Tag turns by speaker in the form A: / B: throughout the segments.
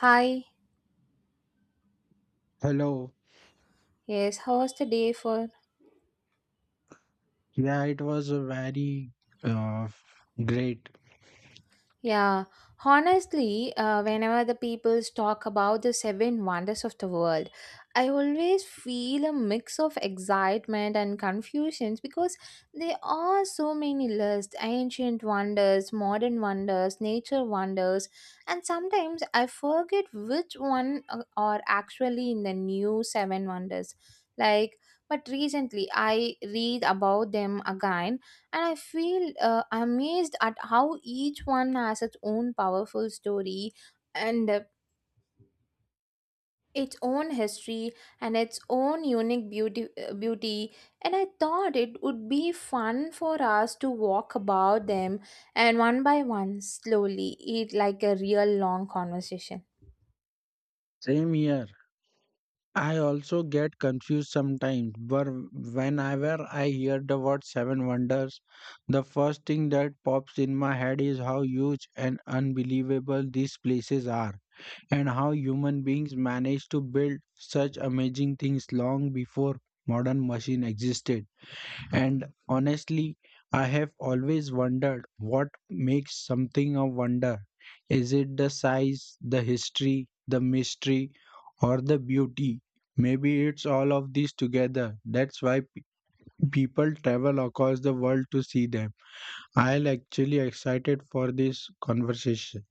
A: Hi,
B: Hello.
A: yes, how was the day for?
B: Yeah, it was a very uh, great.
A: Yeah, honestly, whenever the people talk about the seven wonders of the world, I always feel a mix of excitement and confusion because there are so many lists ancient wonders, modern wonders, nature wonders, and sometimes I forget which one are actually in the new seven wonders. Like, but recently I read about them again and I feel amazed at how each one has its own powerful story and its own history and its own unique beauty and I thought it would be fun for us to walk about them and one by one slowly it like a real long conversation.
B: Same here. I also get confused sometimes, but whenever I hear the word seven wonders, the first thing that pops in my head is how huge and unbelievable these places are, and how human beings managed to build such amazing things long before modern machine existed. And honestly, I have always wondered what makes something a wonder. Is it the size, the history, the mystery, or the beauty? Maybe it's all of these together. That's why people travel across the world to see them. I'll actually excited for this conversation.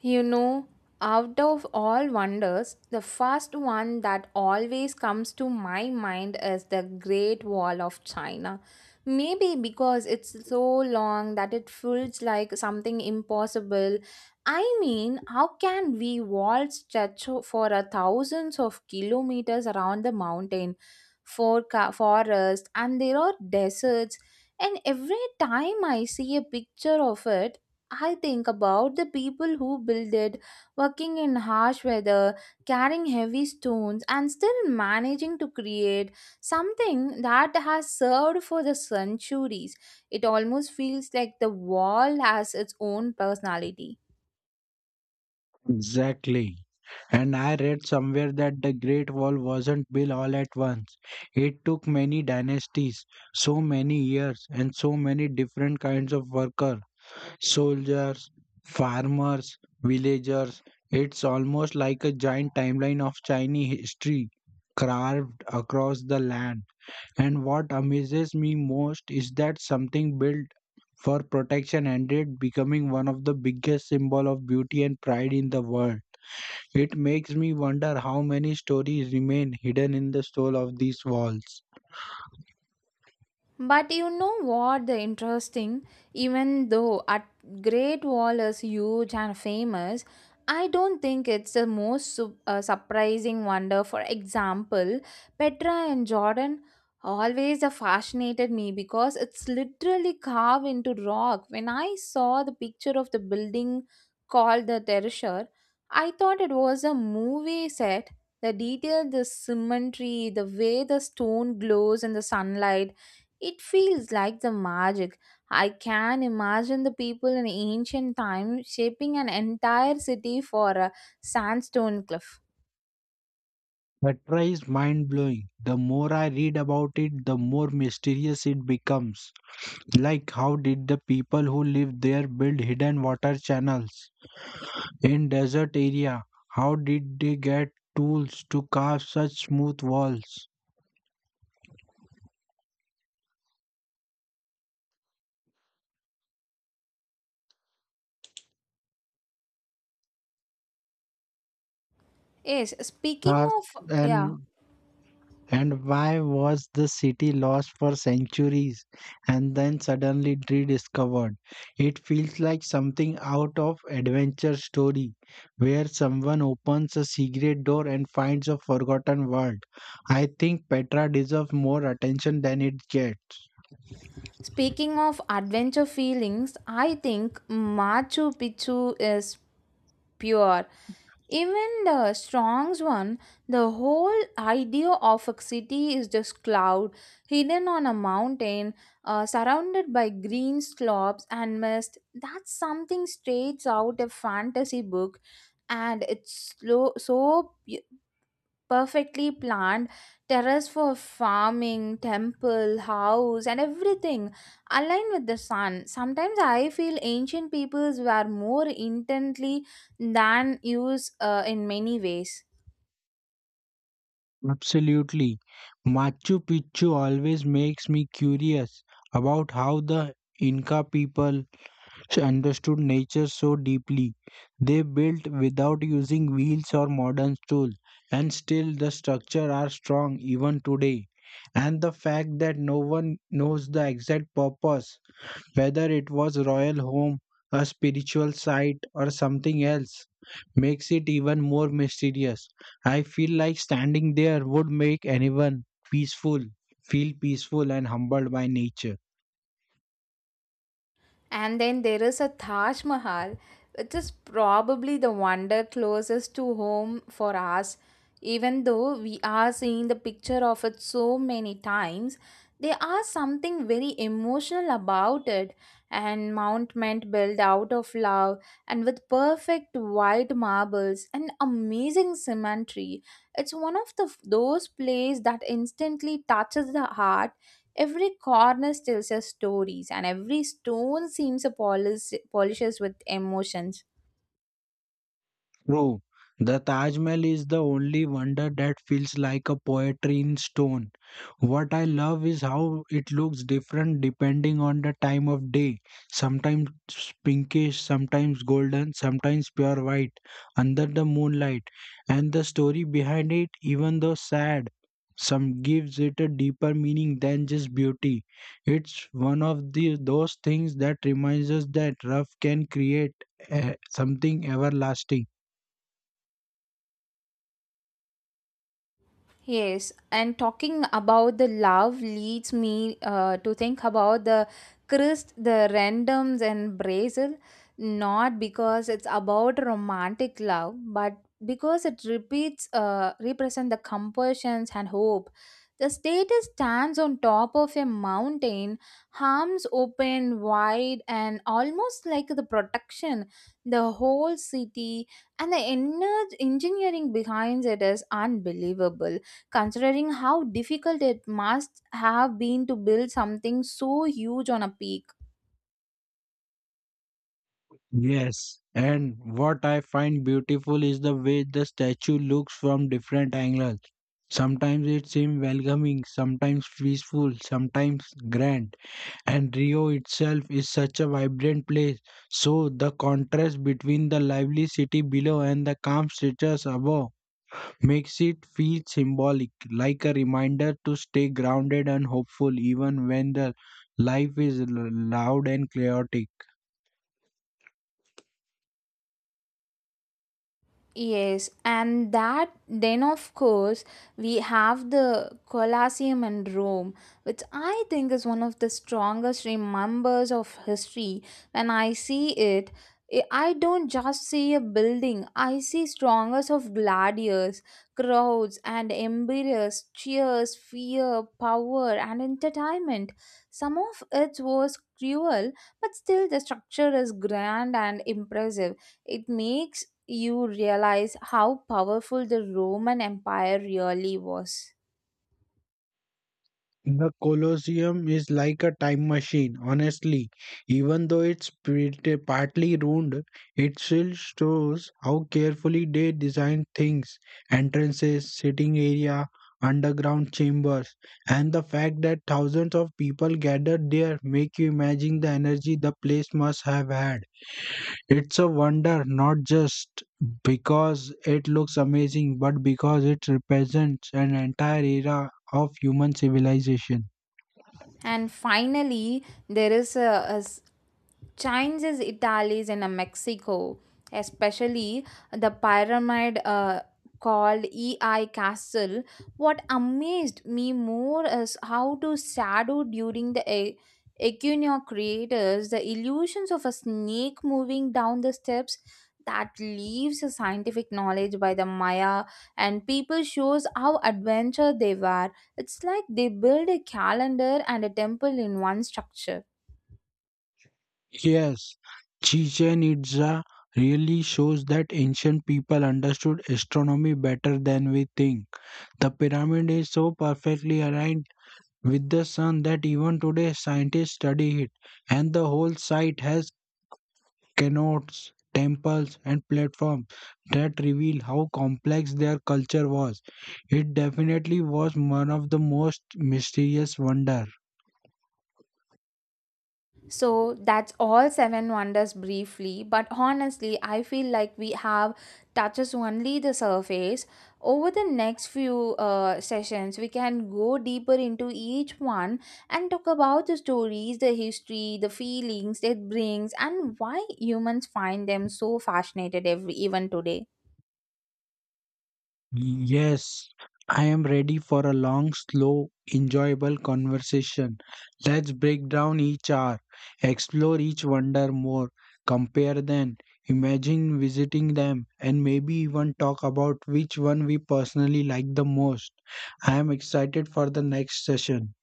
A: You know, out of all wonders, the first one that always comes to my mind is the Great Wall of China. Maybe because it's so long that it feels like something impossible. I mean, how can we wall stretch for a thousands of kilometers around the mountain, for forest, and there are deserts? And every time I see a picture of it, I think about the people who built it, working in harsh weather, carrying heavy stones, and still managing to create something that has served for the centuries. It almost feels like the wall has its own personality.
B: Exactly. And I read somewhere that the Great Wall wasn't built all at once. It took many dynasties, so many years, and so many different kinds of workers soldiers, farmers, villagers. It's almost like a giant timeline of Chinese history carved across the land. And what amazes me most is that something built for protection ended becoming one of the biggest symbol of beauty and pride in the world. It makes me wonder how many stories remain hidden in the soul of these walls.
A: But you know what the interesting even though at Great Wall is huge and famous, I don't think it's the most surprising wonder. For example, Petra and Jordan always fascinated me because it's literally carved into rock. When I saw the picture of the building called the Terrasure, I thought it was a movie set. The detail, the symmetry, the way the stone glows in the sunlight, it feels like the magic. I can imagine the people in ancient times shaping an entire city for a sandstone cliff.
B: Petra is mind blowing. The more I read about it, the more mysterious it becomes. Like, how did the people who lived there build hidden water channels in desert area? How did they get tools to carve such smooth walls?
A: Yes,
B: Sharks and and why was the city lost for centuries and then suddenly rediscovered? It feels like something out of adventure story where someone opens a secret door and finds a forgotten world. I think Petra deserves more attention than it gets.
A: speaking of adventure feelings, I think Machu Picchu is pure, even the strong's one. The whole idea of a city is just cloud, hidden on a mountain, surrounded by green slopes and mist. That's something straight out a fantasy book, and it's slow, so perfectly planned, terrace for farming, temple, house, and everything aligned with the sun. Sometimes I feel ancient peoples were more intently than us in many ways.
B: Absolutely. Machu Picchu always makes me curious about how the Inca people She understood nature so deeply. They built without using wheels or modern tools, and still the structure are strong even today. And the fact that no one knows the exact purpose, whether it was royal home, a spiritual site, or something else, makes it even more mysterious. I feel like standing there would make anyone peaceful, feel peaceful and humbled by nature.
A: And then there is a Taj Mahal, which is probably the wonder closest to home for us. Even though we are seeing the picture of it so many times, there are something very emotional about it. And monument built out of love and with perfect white marbles and amazing symmetry. It's one of the those plays that instantly touches the heart. Every corner tells us stories, and every stone seems a polishes with emotions.
B: True. The Taj Mahal is the only wonder that feels like a poetry in stone. What I love is how it looks different depending on the time of day. Sometimes pinkish, sometimes golden, sometimes pure white under the moonlight. And the story behind it, even though sad, some gives it a deeper meaning than just beauty. It's one of the those things that reminds us that rough can create something everlasting.
A: Yes, and talking about the love leads me to think about the Christ, the randoms, and Brazil, not because it's about romantic love, but because it repeats, represent the compulsions and hope. The status stands on top of a mountain, arms open wide and almost like the protection. The whole city and the engineering behind it is unbelievable, considering how difficult it must have been to build something so huge on a peak.
B: Yes, and what I find beautiful is the way the statue looks from different angles. Sometimes it seems welcoming, sometimes peaceful, sometimes grand. And Rio itself is such a vibrant place. So the contrast between the lively city below and the calm statues above makes it feel symbolic, like a reminder to stay grounded and hopeful even when the life is loud and chaotic.
A: Yes, and that then of course we have the Colosseum in Rome, which I think is one of the strongest remembers of history. When I see it, I don't just see a building, I see strongest of gladiators, crowds and emperors, cheers, fear, power and entertainment. Some of it was cruel, but still the structure is grand and impressive. It makes you realize how powerful the Roman Empire really was.
B: The Colosseum is like a time machine, honestly. Even though it's pretty, partly ruined, it still shows how carefully they designed things entrances, sitting area, underground chambers. And the fact that thousands of people gathered there make you imagine the energy the place must have had. It's a wonder not just because it looks amazing, but because it represents an entire era of human civilization.
A: And finally, there is Chinese Italy's in a Mexico, especially the pyramid called EI Castle. What amazed me more is how to shadow during the Equinox creators the illusions of a snake moving down the steps that leaves a scientific knowledge by the Maya and people shows how adventure they were. It's like they build a calendar and a temple in one structure.
B: Yes, Chichen Itza really shows that ancient people understood astronomy better than we think. The pyramid is so perfectly aligned with the sun that even today scientists study it, and the whole site has cenotes, temples, and platforms that reveal how complex their culture was. It definitely was one of the most mysterious wonders.
A: So that's all seven wonders briefly, but honestly, I feel like we have touches only the surface. Over the next few sessions, we can go deeper into each one and talk about the stories, the history, the feelings it brings, and why humans find them so fascinated every even today.
B: Yes, I am ready for a long, slow, enjoyable conversation. Let's break down each hour, explore each wonder more, compare them, imagine visiting them, and maybe even talk about which one we personally like the most. I am excited for the next session.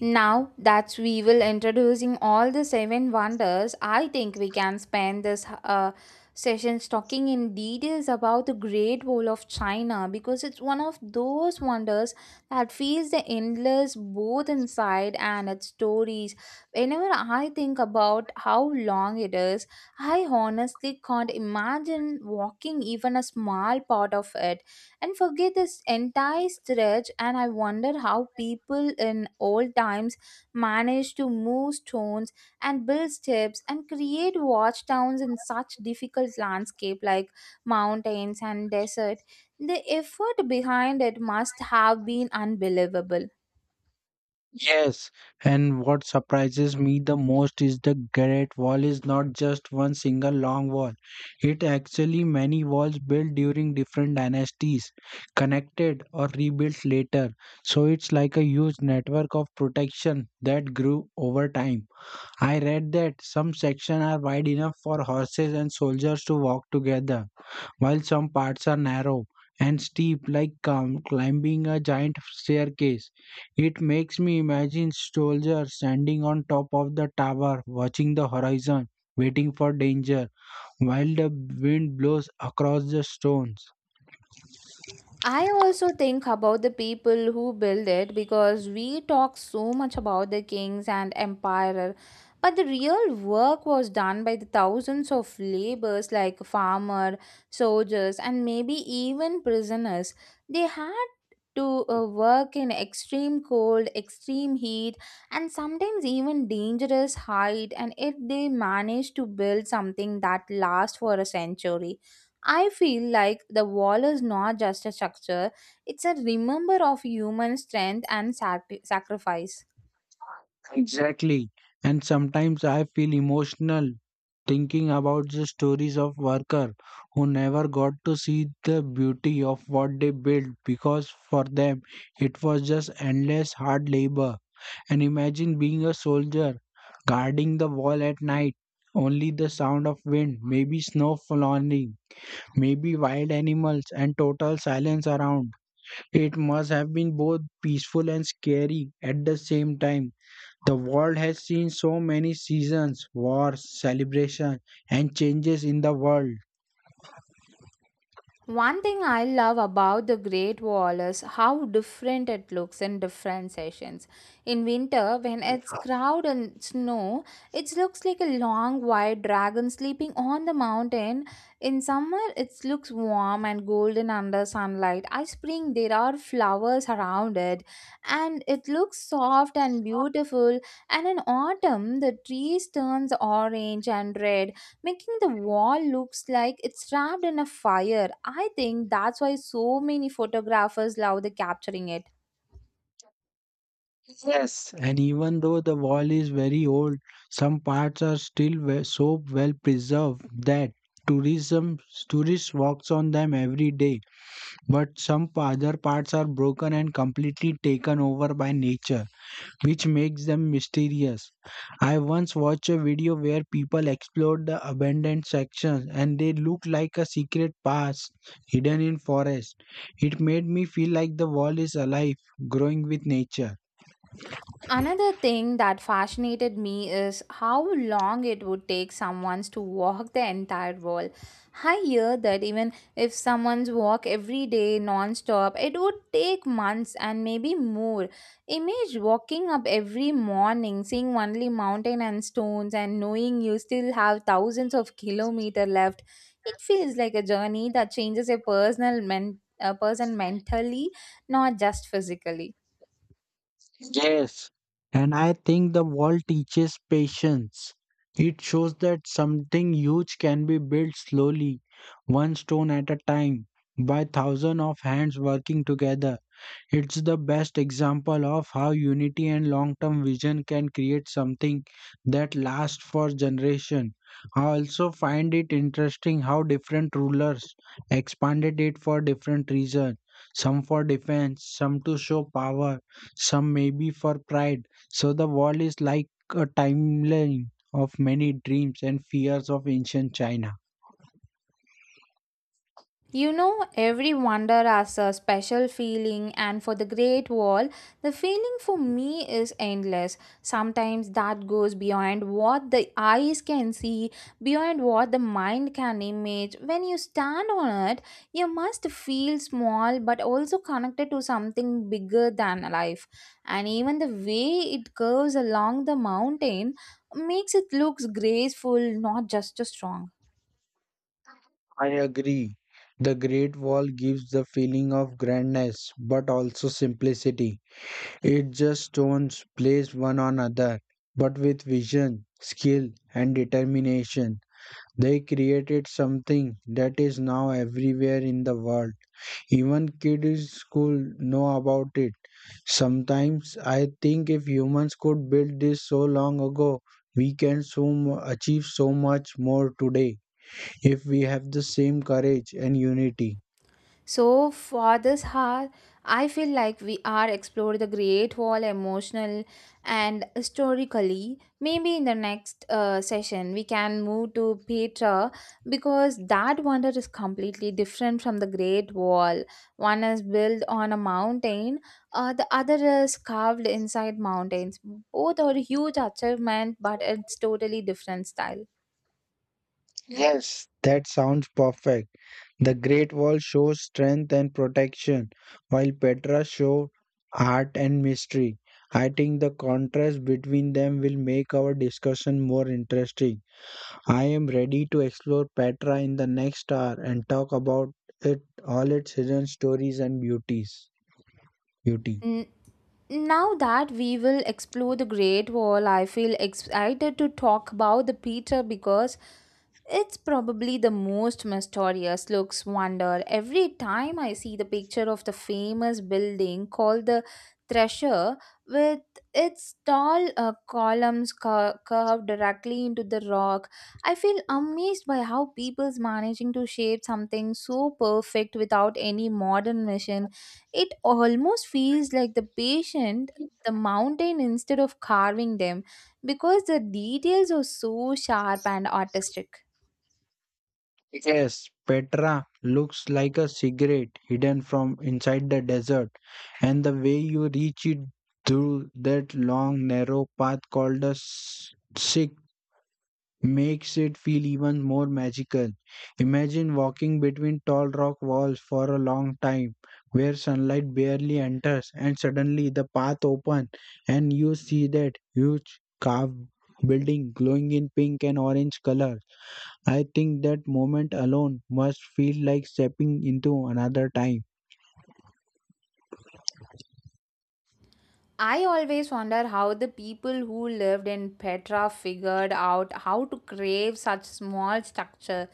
A: Now that we will introducing all the seven wonders, I think we can spend this session talking in details about the Great Wall of China because it's one of those wonders that feels the endless both inside and its stories. Whenever I think about how long it is, I honestly can't imagine walking even a small part of it and forget this entire stretch, and I wonder how people in old times managed to move stones and build steps and create watch towns in such difficult landscape like mountains and desert. The effort behind it must have been unbelievable.
B: Yes, and what surprises me the most is the Great Wall is not just one single long wall. It actually many walls built during different dynasties, connected or rebuilt later. So it's like a huge network of protection that grew over time. I read that some sections are wide enough for horses and soldiers to walk together, while some parts are narrow and steep like climbing a giant staircase. It makes me imagine soldiers standing on top of the tower, watching the horizon, waiting for danger, while the wind blows across the stones.
A: I also think about the people who build it because we talk so much about the kings and empire, but the real work was done by the thousands of laborers like farmer, soldiers, and maybe even prisoners. They had to work in extreme cold, extreme heat, and sometimes even dangerous height. And if they managed to build something that lasts for a century, I feel like the wall is not just a structure, it's a remember of human strength and sacrifice.
B: Exactly. And sometimes I feel emotional thinking about the stories of workers who never got to see the beauty of what they built because for them it was just endless hard labor. And imagine being a soldier guarding the wall at night. Only the sound of wind, maybe snow falling, maybe wild animals, and total silence around. It must have been both peaceful and scary at the same time. The world has seen so many seasons, wars, celebrations, and changes in the world.
A: One thing I love about the Great Wall is how different it looks in different seasons. In winter, when it's crowded and snow, it looks like a long white dragon sleeping on the mountain. In summer, it looks warm and golden under sunlight. By spring, there are flowers around it, and it looks soft and beautiful. And in autumn, the trees turns orange and red, making the wall looks like it's wrapped in a fire. I think that's why so many photographers love the capturing it.
B: And even though the wall is very old, some parts are still so well preserved that tourism tourists walks on them every day. But some other parts are broken and completely taken over by nature, which makes them mysterious. I once watched a video where people explored the abandoned sections and they look like a secret past hidden in forest. It made me feel like the wall is alive, growing with nature.
A: Another thing that fascinated me is how long it would take someone to walk the entire world. I hear that even if someone's walk every day non-stop, it would take months and maybe more. Image walking up every morning, seeing only mountain and stones and knowing you still have thousands of kilometer left. It feels like a journey that changes a a person mentally, not just physically.
B: Yes, and I think the wall teaches patience. It shows that something huge can be built slowly, one stone at a time, by thousands of hands working together. It's the best example of how unity and long term vision can create something that lasts for generations. I also find it interesting how different rulers expanded it for different reasons some for defense, some to show power, some maybe for pride. So the world is like a timeline of many dreams and fears of ancient China.
A: You know, every wonder has a special feeling, and for the Great Wall, the feeling for me is endless. Sometimes that goes beyond what the eyes can see, beyond what the mind can image. When you stand on it, you must feel small but also connected to something bigger than life. And even the way it curves along the mountain makes it look graceful, not just strong.
B: I agree. The Great Wall gives the feeling of grandness but also simplicity. It just stones placed one on another, but with vision, skill, and determination, they created something that is now everywhere in the world. Even kids in school know about it. Sometimes I think if humans could build this so long ago, we can so achieve so much more today if we have the same courage and unity.
A: So for this hour, I feel like we are explored the Great Wall emotional and historically. Maybe in the next session we can move to Petra because that wonder is completely different from the Great Wall. One is built on a mountain, the other is carved inside mountains. Both are huge achievement, but it's totally different style.
B: Yes, that sounds perfect. The Great Wall shows strength and protection, while Petra shows art and mystery. I think the contrast between them will make our discussion more interesting. I am ready to explore Petra in the next hour and talk about it all its hidden stories and beauties. Beauty.
A: Now that we will explore the Great Wall, I feel excited to talk about the Peter because it's probably the most mysterious looks wonder. Every time I see the picture of the famous building called the Thresher with its tall columns curved directly into the rock, I feel amazed by how people's managing to shape something so perfect without any modern machine. It almost feels like the patient the mountain instead of carving them because the details are so sharp and artistic.
B: Yes, Petra looks like a cigarette hidden from inside the desert, and the way you reach it through that long, narrow path called a sikh makes it feel even more magical. Imagine walking between tall rock walls for a long time, where sunlight barely enters, and suddenly the path opens, and you see that huge carved building glowing in pink and orange color I think that moment alone must feel like stepping into another time.
A: I always wonder how the people who lived in Petra figured out how to create such small structure.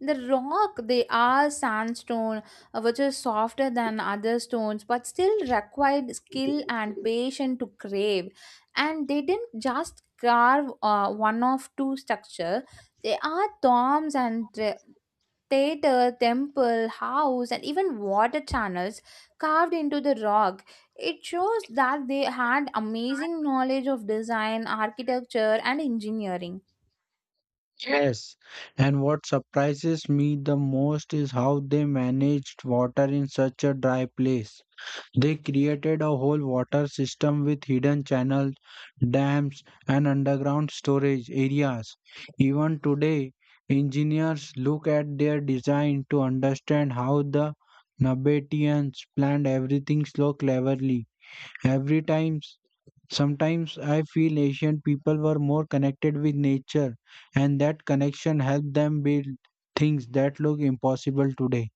A: The rock, they are sandstone, which is softer than other stones, but still required skill and patience to crave. And they didn't just carve one of two structure. They are tombs and theater, temple, house, and even water channels carved into the rock. It shows that they had amazing knowledge of design, architecture, and engineering.
B: Yes, and what surprises me the most is how they managed water in such a dry place. They created a whole water system with hidden channels, dams, and underground storage areas. Even today, engineers look at their design to understand how the Nabateans planned everything so cleverly. Every time Sometimes I feel Asian people were more connected with nature, and that connection helped them build things that look impossible today.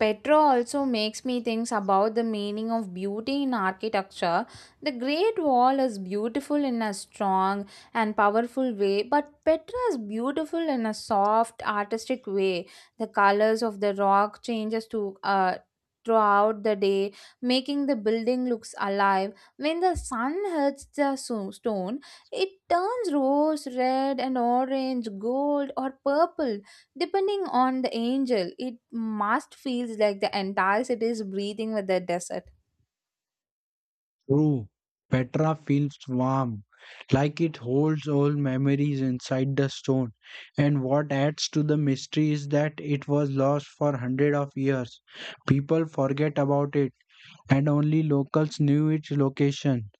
A: Petra also makes me think about the meaning of beauty in architecture. The Great Wall is beautiful in a strong and powerful way, but Petra is beautiful in a soft, artistic way. The colors of the rock changes to throughout the day, making the building looks alive. When the sun hits the stone, it turns rose, red, and orange, gold, or purple. Depending on the angel, it must feels like the entire city is breathing with the desert.
B: True, Petra feels warm, like it holds old memories inside the stone, and what adds to the mystery is that it was lost for hundreds of years. People forget about it, and only locals knew its location.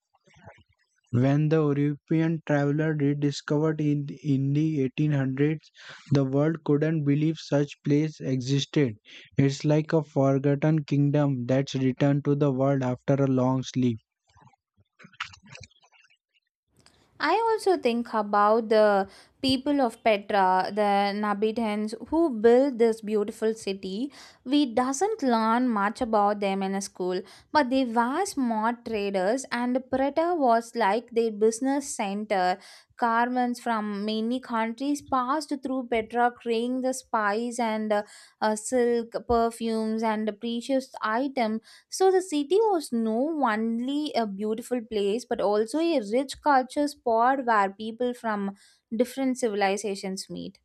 B: When the European traveler rediscovered in the 1800s, the world couldn't believe such place existed. It's like a forgotten kingdom that's returned to the world after a long sleep.
A: I also think about the people of Petra, the inhabitants who built this beautiful city. We doesn't learn much about them in a school, but they were smart traders, and Petra was like their business center. Caravans from many countries passed through Petra, carrying the spice and silk, perfumes, and precious items, so the city was no only a beautiful place but also a rich culture spot where people from different civilizations meet.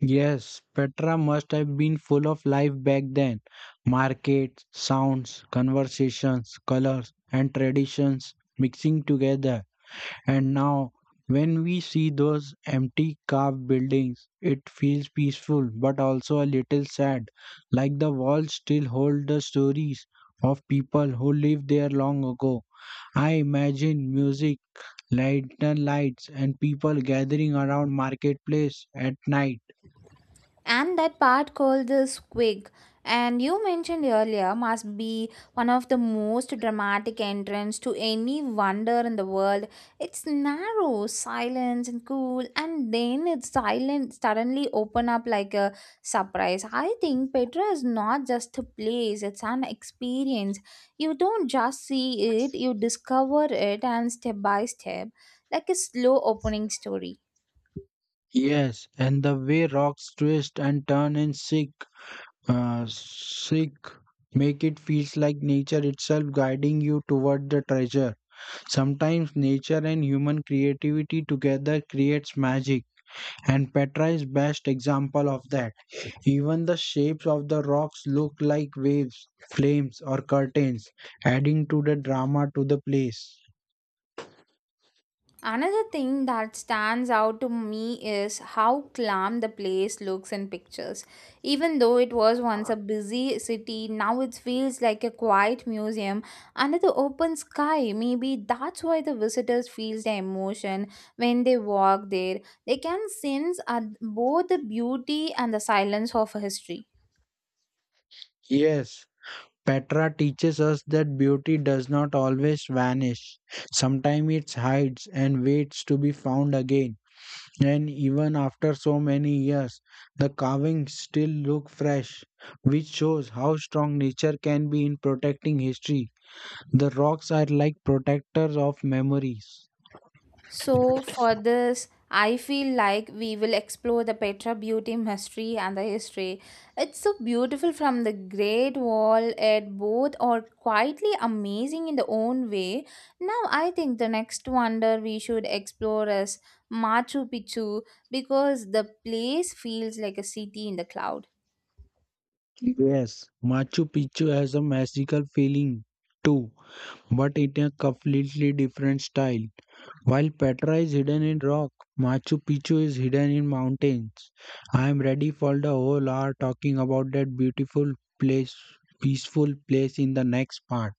B: Yes, Petra must have been full of life back then. Markets, sounds, conversations, colors, and traditions mixing together. And now, when we see those empty carved buildings, it feels peaceful but also a little sad, like the walls still hold the stories of people who lived there long ago. I imagine music, lantern lights, and people gathering around marketplace at night.
A: And that part called the squig and you mentioned earlier must be one of the most dramatic entrance to any wonder in the world. It's narrow, silent, and cool, and then it's silent, suddenly open up like a surprise. I think Petra is not just a place, it's an experience. You don't just see it, you discover it, and step by step, like a slow opening story.
B: Yes, and the way rocks twist and turn in sick, make it feels like nature itself guiding you toward the treasure. Sometimes nature and human creativity together creates magic, and Petra is best example of that. Even the shapes of the rocks look like waves, flames, or curtains, adding to the drama to the place.
A: Another thing that stands out to me is how calm the place looks in pictures. Even though it was once a busy city, now it feels like a quiet museum under the open sky. Maybe that's why the visitors feel the emotion when they walk there. They can sense both the beauty and the silence of history.
B: Yes, Petra teaches us that beauty does not always vanish. Sometimes it hides and waits to be found again. And even after so many years, the carvings still look fresh, which shows how strong nature can be in protecting history. The rocks are like protectors of memories.
A: So, for this, I feel like we will explore the Petra beauty, mystery, and the history. It's so beautiful from the Great Wall, at both are quietly amazing in their own way. Now, I think the next wonder we should explore is Machu Picchu, because the place feels like a city in the cloud.
B: Yes, Machu Picchu has a magical feeling too, but in a completely different style. While Petra is hidden in rock, Machu Picchu is hidden in mountains. I am ready for the whole hour talking about that beautiful place, peaceful place in the next part.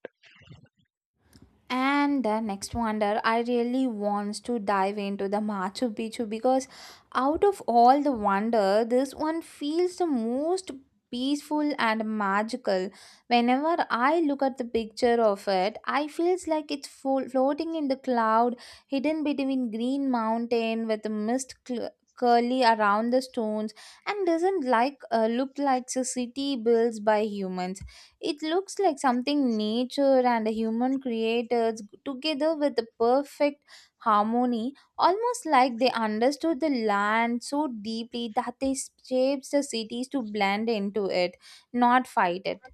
A: And the next wonder I really wants to dive into the Machu Picchu, because out of all the wonder, this one feels the most peaceful and magical. Whenever I look at the picture of it, I feels like floating in the cloud, hidden between green mountain with the curly around the stones, and doesn't like look like a city built by humans. It looks like something nature and human creators together with the perfect harmony, almost like they understood the land so deeply that they shaped the cities to blend into it, not fight it.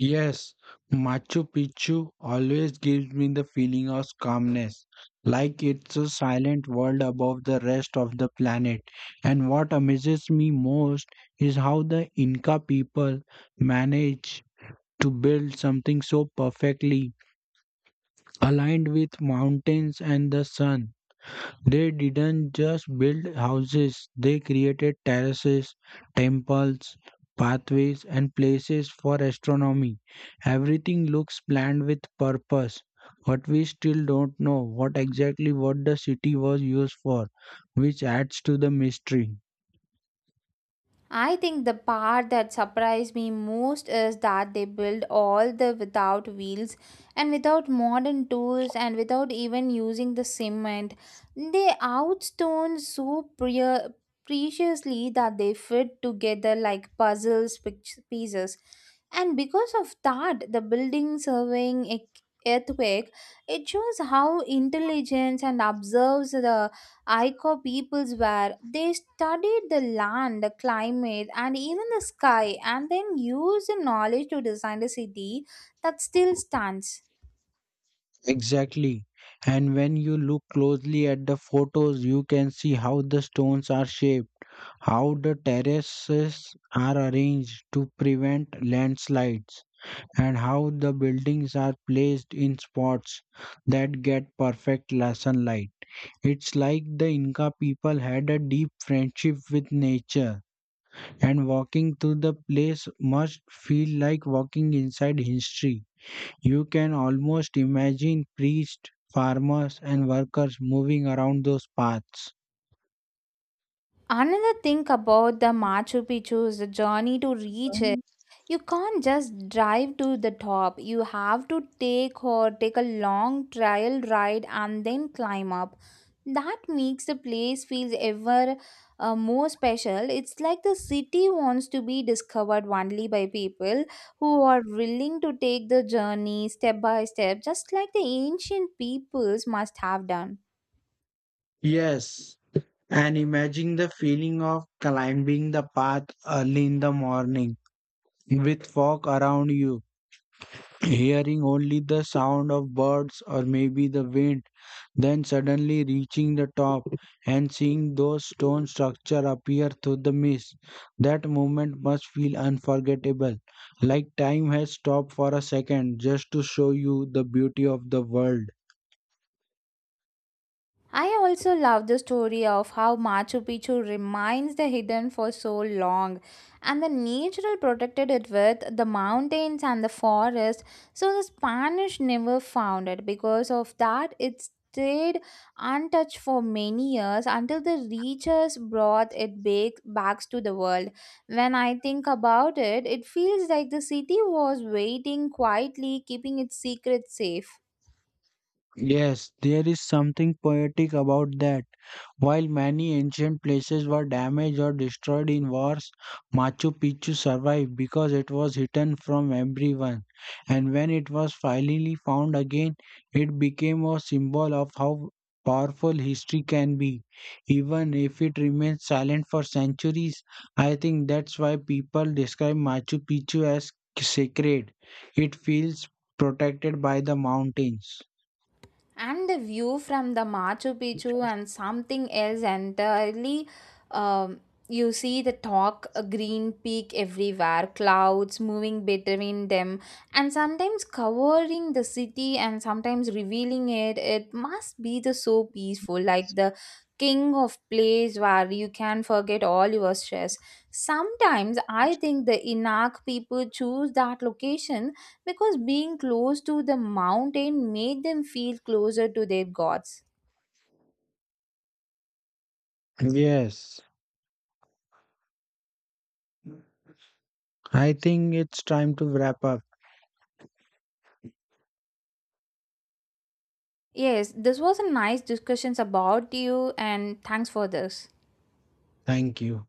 B: Yes, Machu Picchu always gives me the feeling of calmness, like it's a silent world above the rest of the planet. And what amazes me most is how the Inca people manage to build something so perfectly aligned with mountains and the sun. They didn't just build houses, they created terraces, temples, pathways, and places for astronomy. Everything looks planned with purpose, but we still don't know what exactly what the city was used for, which adds to the mystery.
A: I think the part that surprised me most is that they build all the without wheels, and without modern tools, and without even using the cement. They outstone so preciously that they fit together like pieces. And because of that, the building surveying earthquake, it shows how intelligence and observes the Aiko peoples were. They studied the land, the climate, and even the sky, and then used the knowledge to design a city that still stands.
B: Exactly. And when you look closely at the photos, you can see how the stones are shaped, how the terraces are arranged to prevent landslides and how the buildings are placed in spots that get perfect sunlight. It's like the Inca people had a deep friendship with nature, and walking through the place must feel like walking inside history. You can almost imagine priests, farmers, and workers moving around those paths.
A: Another thing about the Machu Picchu is the journey to reach it. You can't just drive to the top, you have to take a long trial ride and then climb up. That makes the place feels ever more special. It's like the city wants to be discovered only by people who are willing to take the journey step by step, just like the ancient peoples must have done.
B: Yes, and imagine the feeling of climbing the path early in the morning with fog around you hearing only the sound of birds or maybe the wind, then suddenly reaching the top and seeing those stone structures appear through the mist. That moment must feel unforgettable, like time has stopped for a second just to show you the beauty of the world.
A: I also love the story of how Machu Picchu remains the hidden for so long, and the natural protected it with the mountains and the forest. So the Spanish never found it, because of that it stayed untouched for many years until the researchers brought it back to the world. When I think about it, it feels like the city was waiting quietly, keeping its secret safe.
B: Yes, there is something poetic about that. While many ancient places were damaged or destroyed in wars, Machu Picchu survived because it was hidden from everyone. And when it was finally found again, it became a symbol of how powerful history can be. Even if it remains silent for centuries, I think that's why people describe Machu Picchu as sacred. It feels protected by the mountains.
A: And the view from the Machu Picchu and something else entirely. Um, you see the talk, a green peak everywhere, clouds moving between them, and sometimes covering the city and sometimes revealing it. It must be the so peaceful, like the king of place where you can forget all your stress. Sometimes I think the Inak people choose that location because being close to the mountain made them feel closer to their gods.
B: Yes, I think it's time to wrap up.
A: Yes, this was a nice discussions about you, and thanks for this.
B: Thank you.